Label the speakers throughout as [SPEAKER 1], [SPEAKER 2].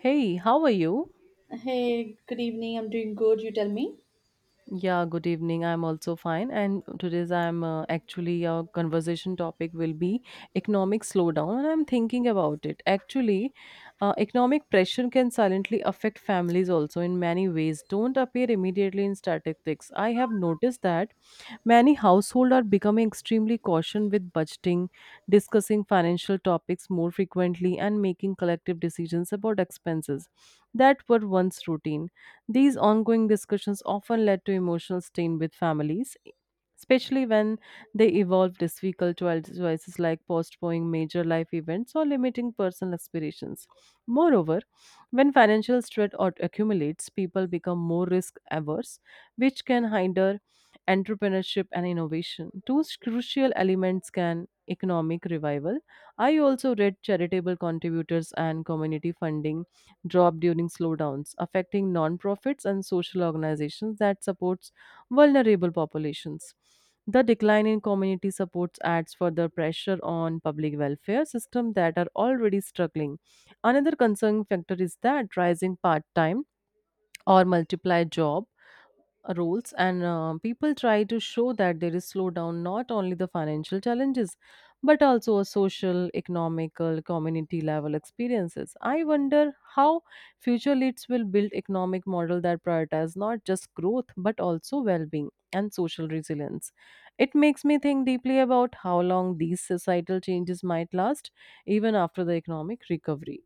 [SPEAKER 1] Hey, how are you?
[SPEAKER 2] Hey, good evening. I'm doing good. You tell me.
[SPEAKER 1] Yeah, good evening. I'm also fine. And today's I'm actually our conversation topic will be economic slowdown, and I'm thinking about it. Actually, economic pressure can silently affect families also in many ways. Don't appear immediately in statistics. I have noticed that many households are becoming extremely cautious with budgeting, discussing financial topics more frequently, and making collective decisions about expenses that were once routine. These ongoing discussions often led to emotional strain with families, especially when they involve difficult choices like postponing major life events or limiting personal aspirations. Moreover, when financial stress or accumulates, people become more risk averse, which can hinder entrepreneurship and innovation, crucial elements can economic revival. I also read charitable contributors and community funding drop during slowdowns, affecting nonprofits and social organizations that supports vulnerable populations. The decline in community supports adds further pressure on public welfare systems that are already struggling. Another concerning factor is that rising part-time or multiply job roles and people try to show that there is slowdown not only the financial challenges but also a social economical community level experiences. I wonder how future leads will build economic model that prioritize not just growth but also well-being and social resilience. It makes me think deeply about how long these societal changes might last even after the economic recovery.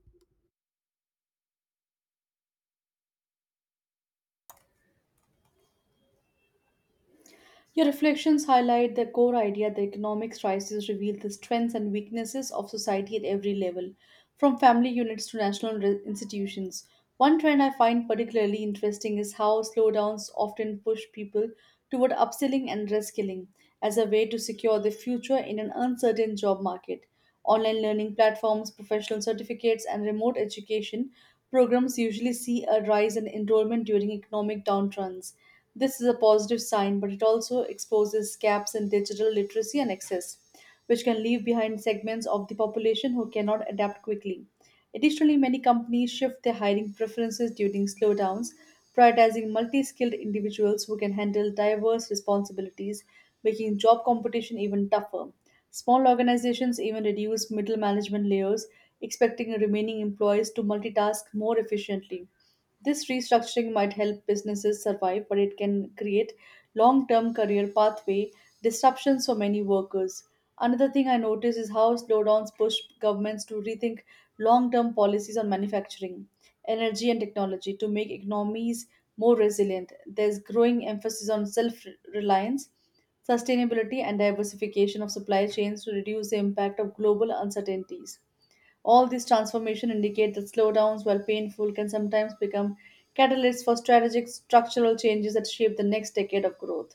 [SPEAKER 2] Your reflections highlight the core idea that economic crises reveal the strengths and weaknesses of society at every level, from family units to national institutions. One trend I find particularly interesting is how slowdowns often push people toward upskilling and reskilling as a way to secure their future in an uncertain job market. Online learning platforms, professional certificates, and remote education programs usually see a rise in enrollment during economic downturns. This is a positive sign, but it also exposes gaps in digital literacy and access, which can leave behind segments of the population who cannot adapt quickly. Additionally, many companies shift their hiring preferences during slowdowns, prioritizing multi skilled individuals who can handle diverse responsibilities, making job competition even tougher. Small organizations even reduce middle management layers, expecting remaining employees to multitask more efficiently. This restructuring might help businesses survive, but it can create long term career pathway disruptions for many workers. Another thing I notice is how slowdowns push governments to rethink long term policies on manufacturing, energy, and technology to make economies more resilient. There's growing emphasis on self reliance sustainability and diversification of supply chains to reduce the impact of global uncertainties. All these transformations indicate that slowdowns, while painful, can sometimes become catalysts for strategic structural changes that shape the next decade of growth.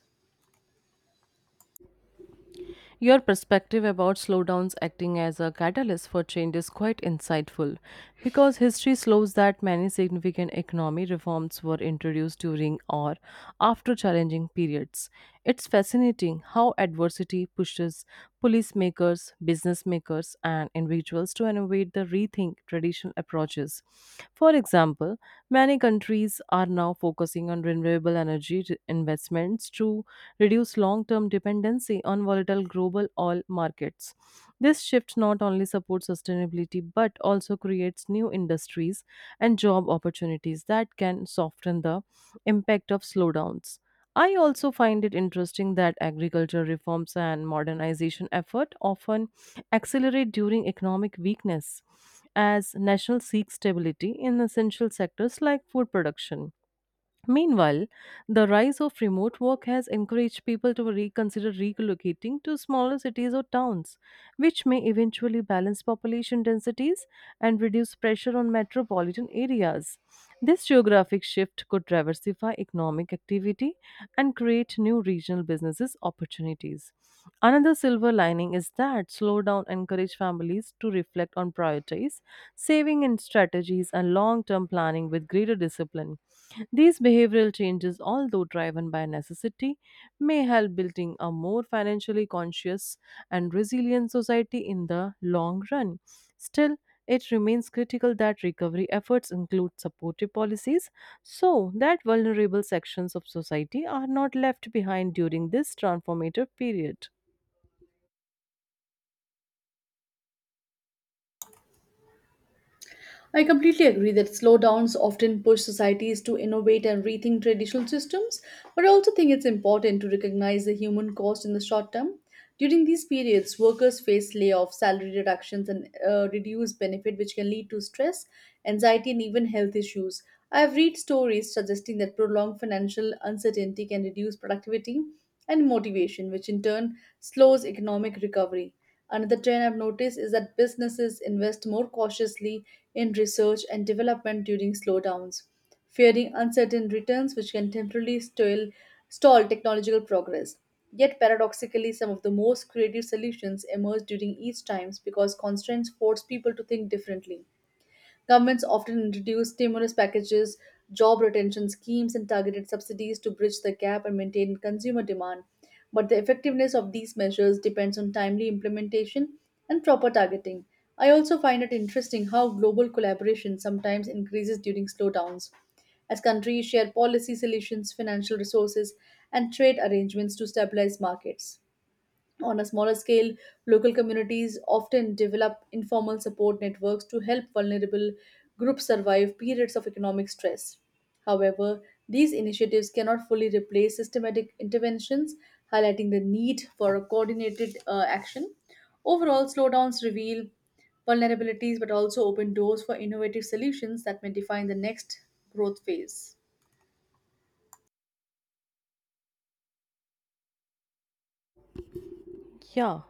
[SPEAKER 1] Your perspective about slowdowns acting as a catalyst for change is quite insightful because history shows that many significant economic reforms were introduced during or after challenging periods. It's fascinating how adversity pushes police makers, business makers, and individuals to innovate the rethink traditional approaches. For example, many countries are now focusing on renewable energy investments to reduce long term dependency on volatile global oil markets. This shift not only supports sustainability but also creates new industries and job opportunities that can soften the impact of slowdowns. I also find it interesting that agriculture reforms and modernization effort often accelerate during economic weakness as national seeks stability in essential sectors like food production. Meanwhile, the rise of remote work has encouraged people to reconsider relocating to smaller cities or towns, which may eventually balance population densities and reduce pressure on metropolitan areas. This geographic shift could diversify economic activity and create new regional businesses opportunities. Another silver lining is that slowdown encourage families to reflect on priorities, saving and strategies and long-term planning with greater discipline. These behavioral changes, although driven by necessity, may help building a more financially conscious and resilient society in the long run. Still, it remains critical that recovery efforts include supportive policies so that vulnerable sections of society are not left behind during this transformative period.
[SPEAKER 2] I completely agree that slowdowns often push societies to innovate and rethink traditional systems, but I also think it's important to recognize the human cost in the short term. During these periods, workers face layoffs, salary reductions, and reduced benefit, which can lead to stress, anxiety, and even health issues. I have read stories suggesting that prolonged financial uncertainty can reduce productivity and motivation, which in turn slows economic recovery. Another trend I've noticed is that businesses invest more cautiously in research and development during slowdowns, fearing uncertain returns which can temporarily stall technological progress. Yet, paradoxically, some of the most creative solutions emerge during each times because constraints force people to think differently. Governments often introduce stimulus packages, job retention schemes, and targeted subsidies to bridge the gap and maintain consumer demand. But the effectiveness of these measures depends on timely implementation and proper targeting. I also find it interesting how global collaboration sometimes increases during slowdowns as countries share policy solutions, financial resources, and trade arrangements to stabilize markets. On a smaller scale, local communities often develop informal support networks to help vulnerable groups survive periods of economic stress. However, these initiatives cannot fully replace systematic interventions, highlighting the need for a coordinated action. Overall, slowdowns reveal vulnerabilities but also open doors for innovative solutions that may define the next growth phase.
[SPEAKER 1] Yeah.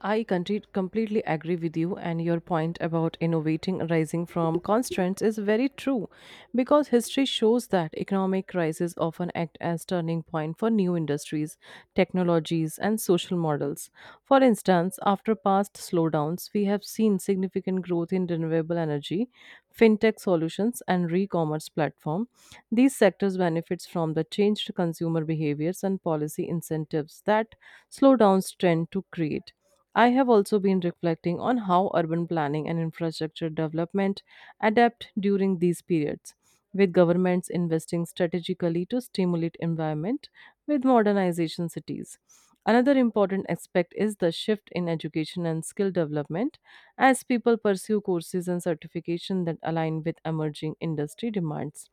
[SPEAKER 1] completely agree with you, and your point about innovating arising from constraints is very true because history shows that economic crises often act as turning point for new industries, technologies, and social models. For instance, after past slowdowns, we have seen significant growth in renewable energy, fintech solutions, and re-commerce platform. These sectors benefits from the changed consumer behaviors and policy incentives that slowdowns tend to create. I have also been reflecting on how urban planning and infrastructure development adapt during these periods, with governments investing strategically to stimulate environment with modernization cities. Another important aspect is the shift in education and skill development as people pursue courses and certification that align with emerging industry demands.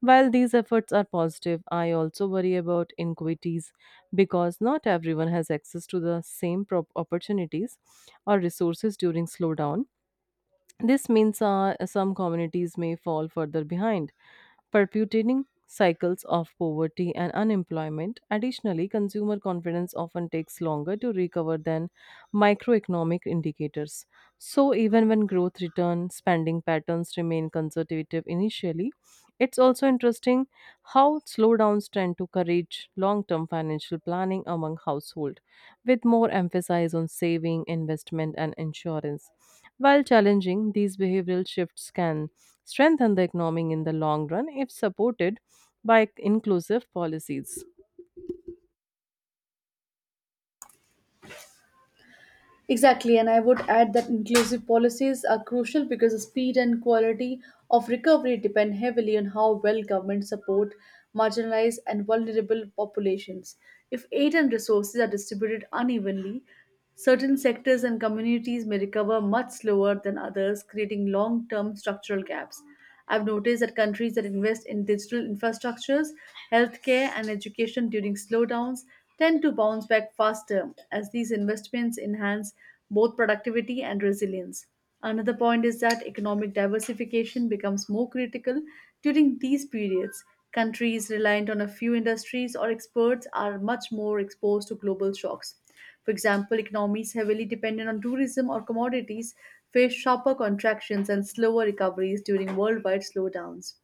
[SPEAKER 1] While these efforts are positive, I also worry about inequities because not everyone has access to the opportunities or resources during slowdown. This means some communities may fall further behind perpetuating cycles of poverty and unemployment. Additionally, consumer confidence often takes longer to recover than microeconomic indicators. So, even when growth returns, spending patterns remain conservative initially. It's also interesting how slowdowns tend to encourage long term financial planning among households, with more emphasis on saving, investment, and insurance. While challenging, these behavioral shifts can strengthen the economy in the long run if supported by inclusive policies.
[SPEAKER 2] Exactly, and I would add that inclusive policies are crucial because the speed and quality of recovery depend heavily on how well governments support marginalized and vulnerable populations. If aid and resources are distributed unevenly, certain sectors and communities may recover much slower than others, creating long term structural gaps. I've noticed that countries that invest in digital infrastructures, healthcare, and education during slowdowns tend to bounce back faster as these investments enhance both productivity and resilience. Another point is that economic diversification becomes more critical during these periods. Countries reliant on a few industries or experts are much more exposed to global shocks. For example, economies heavily dependent on tourism or commodities face sharper contractions and slower recoveries during worldwide slowdowns.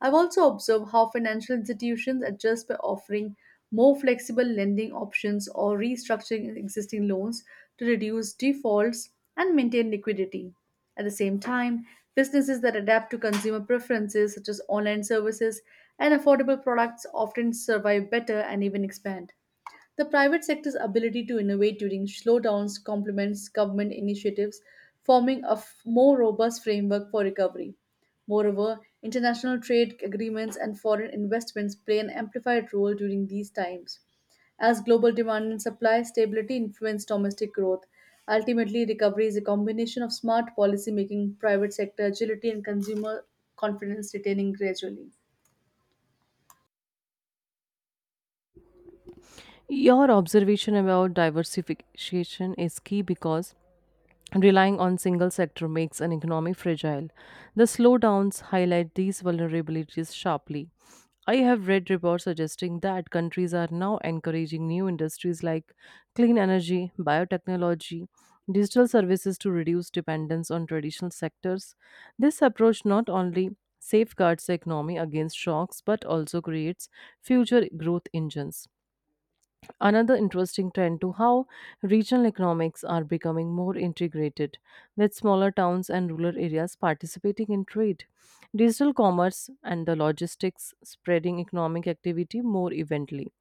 [SPEAKER 2] I've also observed how financial institutions adjust by offering more flexible lending options or restructuring existing loans to reduce defaults and maintain liquidity. At the same time, businesses that adapt to consumer preferences, such as online services and affordable products, often survive better and even expand. The private sector's ability to innovate during slowdowns complements government initiatives, forming more robust framework for recovery. Moreover, international trade agreements and foreign investments play an amplified role during these times. As global demand and supply stability influence domestic growth, ultimately recovery is a combination of smart policy making, private sector agility, and consumer confidence retaining gradually.
[SPEAKER 1] Your observation about diversification is key because relying on single sector makes an economy fragile. The slowdowns highlight these vulnerabilities sharply. I have read reports suggesting that countries are now encouraging new industries like clean energy, biotechnology, digital services to reduce dependence on traditional sectors. This approach not only safeguards the economy against shocks but also creates future growth engines. Another interesting trend to how regional economics are becoming more integrated, with smaller towns and rural areas participating in trade. Digital commerce and the logistics spreading economic activity more evenly.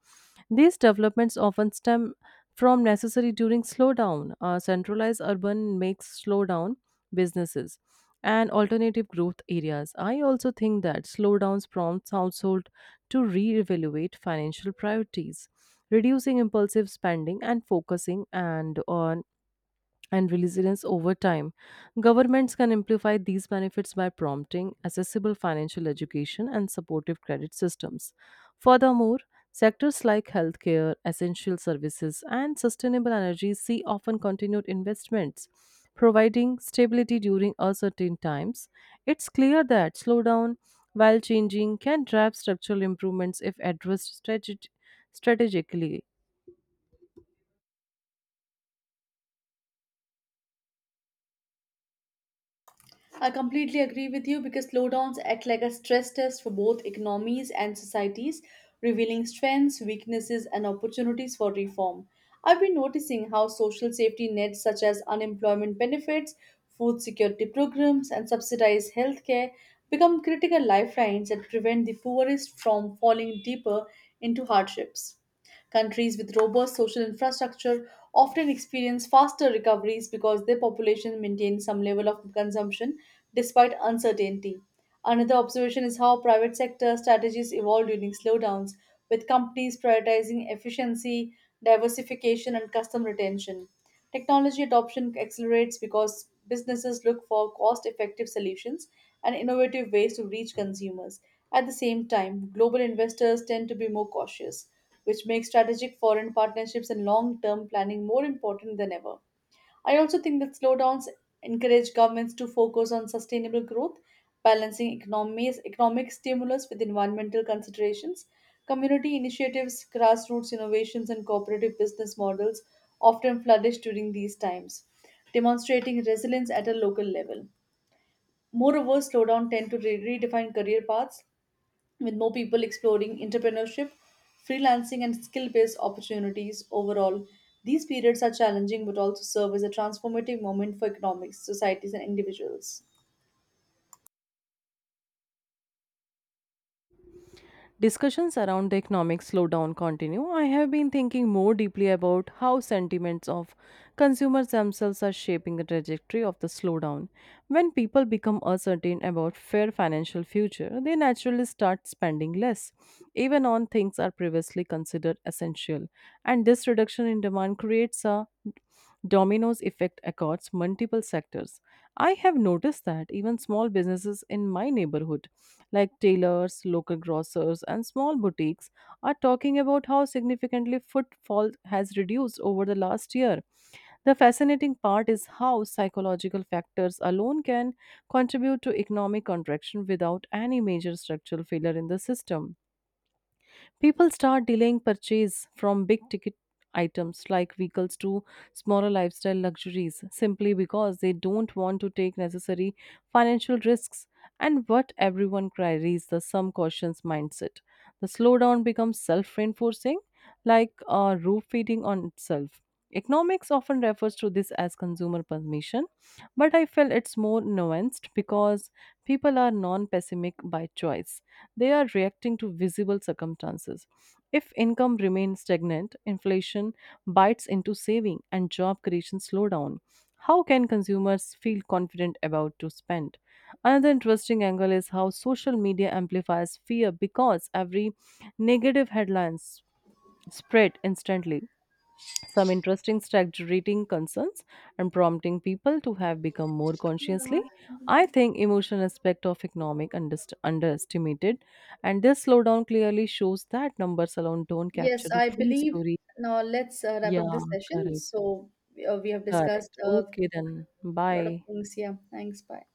[SPEAKER 1] These developments often stem from necessary during slowdown. Centralized urban makes slowdown businesses and alternative growth areas. I also think that slowdowns prompt household to reevaluate financial priorities, reducing impulsive spending and focusing and on and resilience over time. Governments can amplify these benefits by prompting accessible financial education and supportive credit systems. Furthermore, sectors like healthcare, essential services, and sustainable energy see often continued investments, providing stability during uncertain times. It's clear that slowdown, while changing, can drive structural improvements if addressed strategically.
[SPEAKER 2] I completely agree with you because slowdowns act like a stress test for both economies and societies, revealing strengths, weaknesses, and opportunities for reform. I've been noticing how social safety nets such as unemployment benefits, food security programs, and subsidized healthcare become critical lifelines that prevent the poorest from falling deeper into hardships. Countries with robust social infrastructure often experience faster recoveries because their population maintains some level of consumption despite uncertainty. Another observation is how private sector strategies evolve during slowdowns, with companies prioritizing efficiency, diversification, and customer retention. Technology adoption accelerates because businesses look for cost effective solutions and innovative ways to reach consumers. At the same time, global investors tend to be more cautious, which makes strategic foreign partnerships and long term planning more important than ever. I also think that slowdowns encourage governments to focus on sustainable growth, balancing economies, economic stimulus with environmental considerations. Community initiatives, grassroots innovations, and cooperative business models often flourish during these times, demonstrating resilience at a local level. Moreover, slowdown tend to redefine career paths, with more people exploring entrepreneurship, freelancing, and skill based opportunities overall. These periods are challenging but also serve as a transformative moment for economics, societies, and individuals.
[SPEAKER 1] Discussions around the economic slowdown continue. I have been thinking more deeply about how sentiments of consumers themselves are shaping the trajectory of the slowdown. When people become uncertain about fair financial future, they naturally start spending less, even on things are previously considered essential. And this reduction in demand creates a dominoes effect across multiple sectors. I have noticed that even small businesses in my neighborhood, like tailors, local grocers, and small boutiques, are talking about how significantly footfall has reduced over the last year. The fascinating part is how psychological factors alone can contribute to economic contraction without any major structural failure in the system. People start delaying purchase from big ticket items like vehicles to smaller lifestyle luxuries simply because they don't want to take necessary financial risks and what everyone carries the some cautions mindset. The slowdown becomes self reinforcing, like a roof feeding on itself. Economics often refers to this as consumer permission, but I feel it's more nuanced because people are non pessimic by choice. They are reacting to visible circumstances. If income remains stagnant, inflation bites into saving and job creation slow down. How can consumers feel confident about to spend? Another interesting angle is how social media amplifies fear because every negative headlines spread instantly some interesting strategic concerns and prompting people to have become more consciously. I think emotional aspect of economic underestimated, and this slowdown clearly shows that numbers alone don't
[SPEAKER 2] Yes,
[SPEAKER 1] capture the
[SPEAKER 2] I
[SPEAKER 1] full
[SPEAKER 2] believe
[SPEAKER 1] story.
[SPEAKER 2] now let's wrap
[SPEAKER 1] Yeah,
[SPEAKER 2] up this session.
[SPEAKER 1] correct,
[SPEAKER 2] So we have discussed
[SPEAKER 1] correct. Okay, then
[SPEAKER 2] a lot of
[SPEAKER 1] bye.
[SPEAKER 2] things. Yeah, thanks. Bye.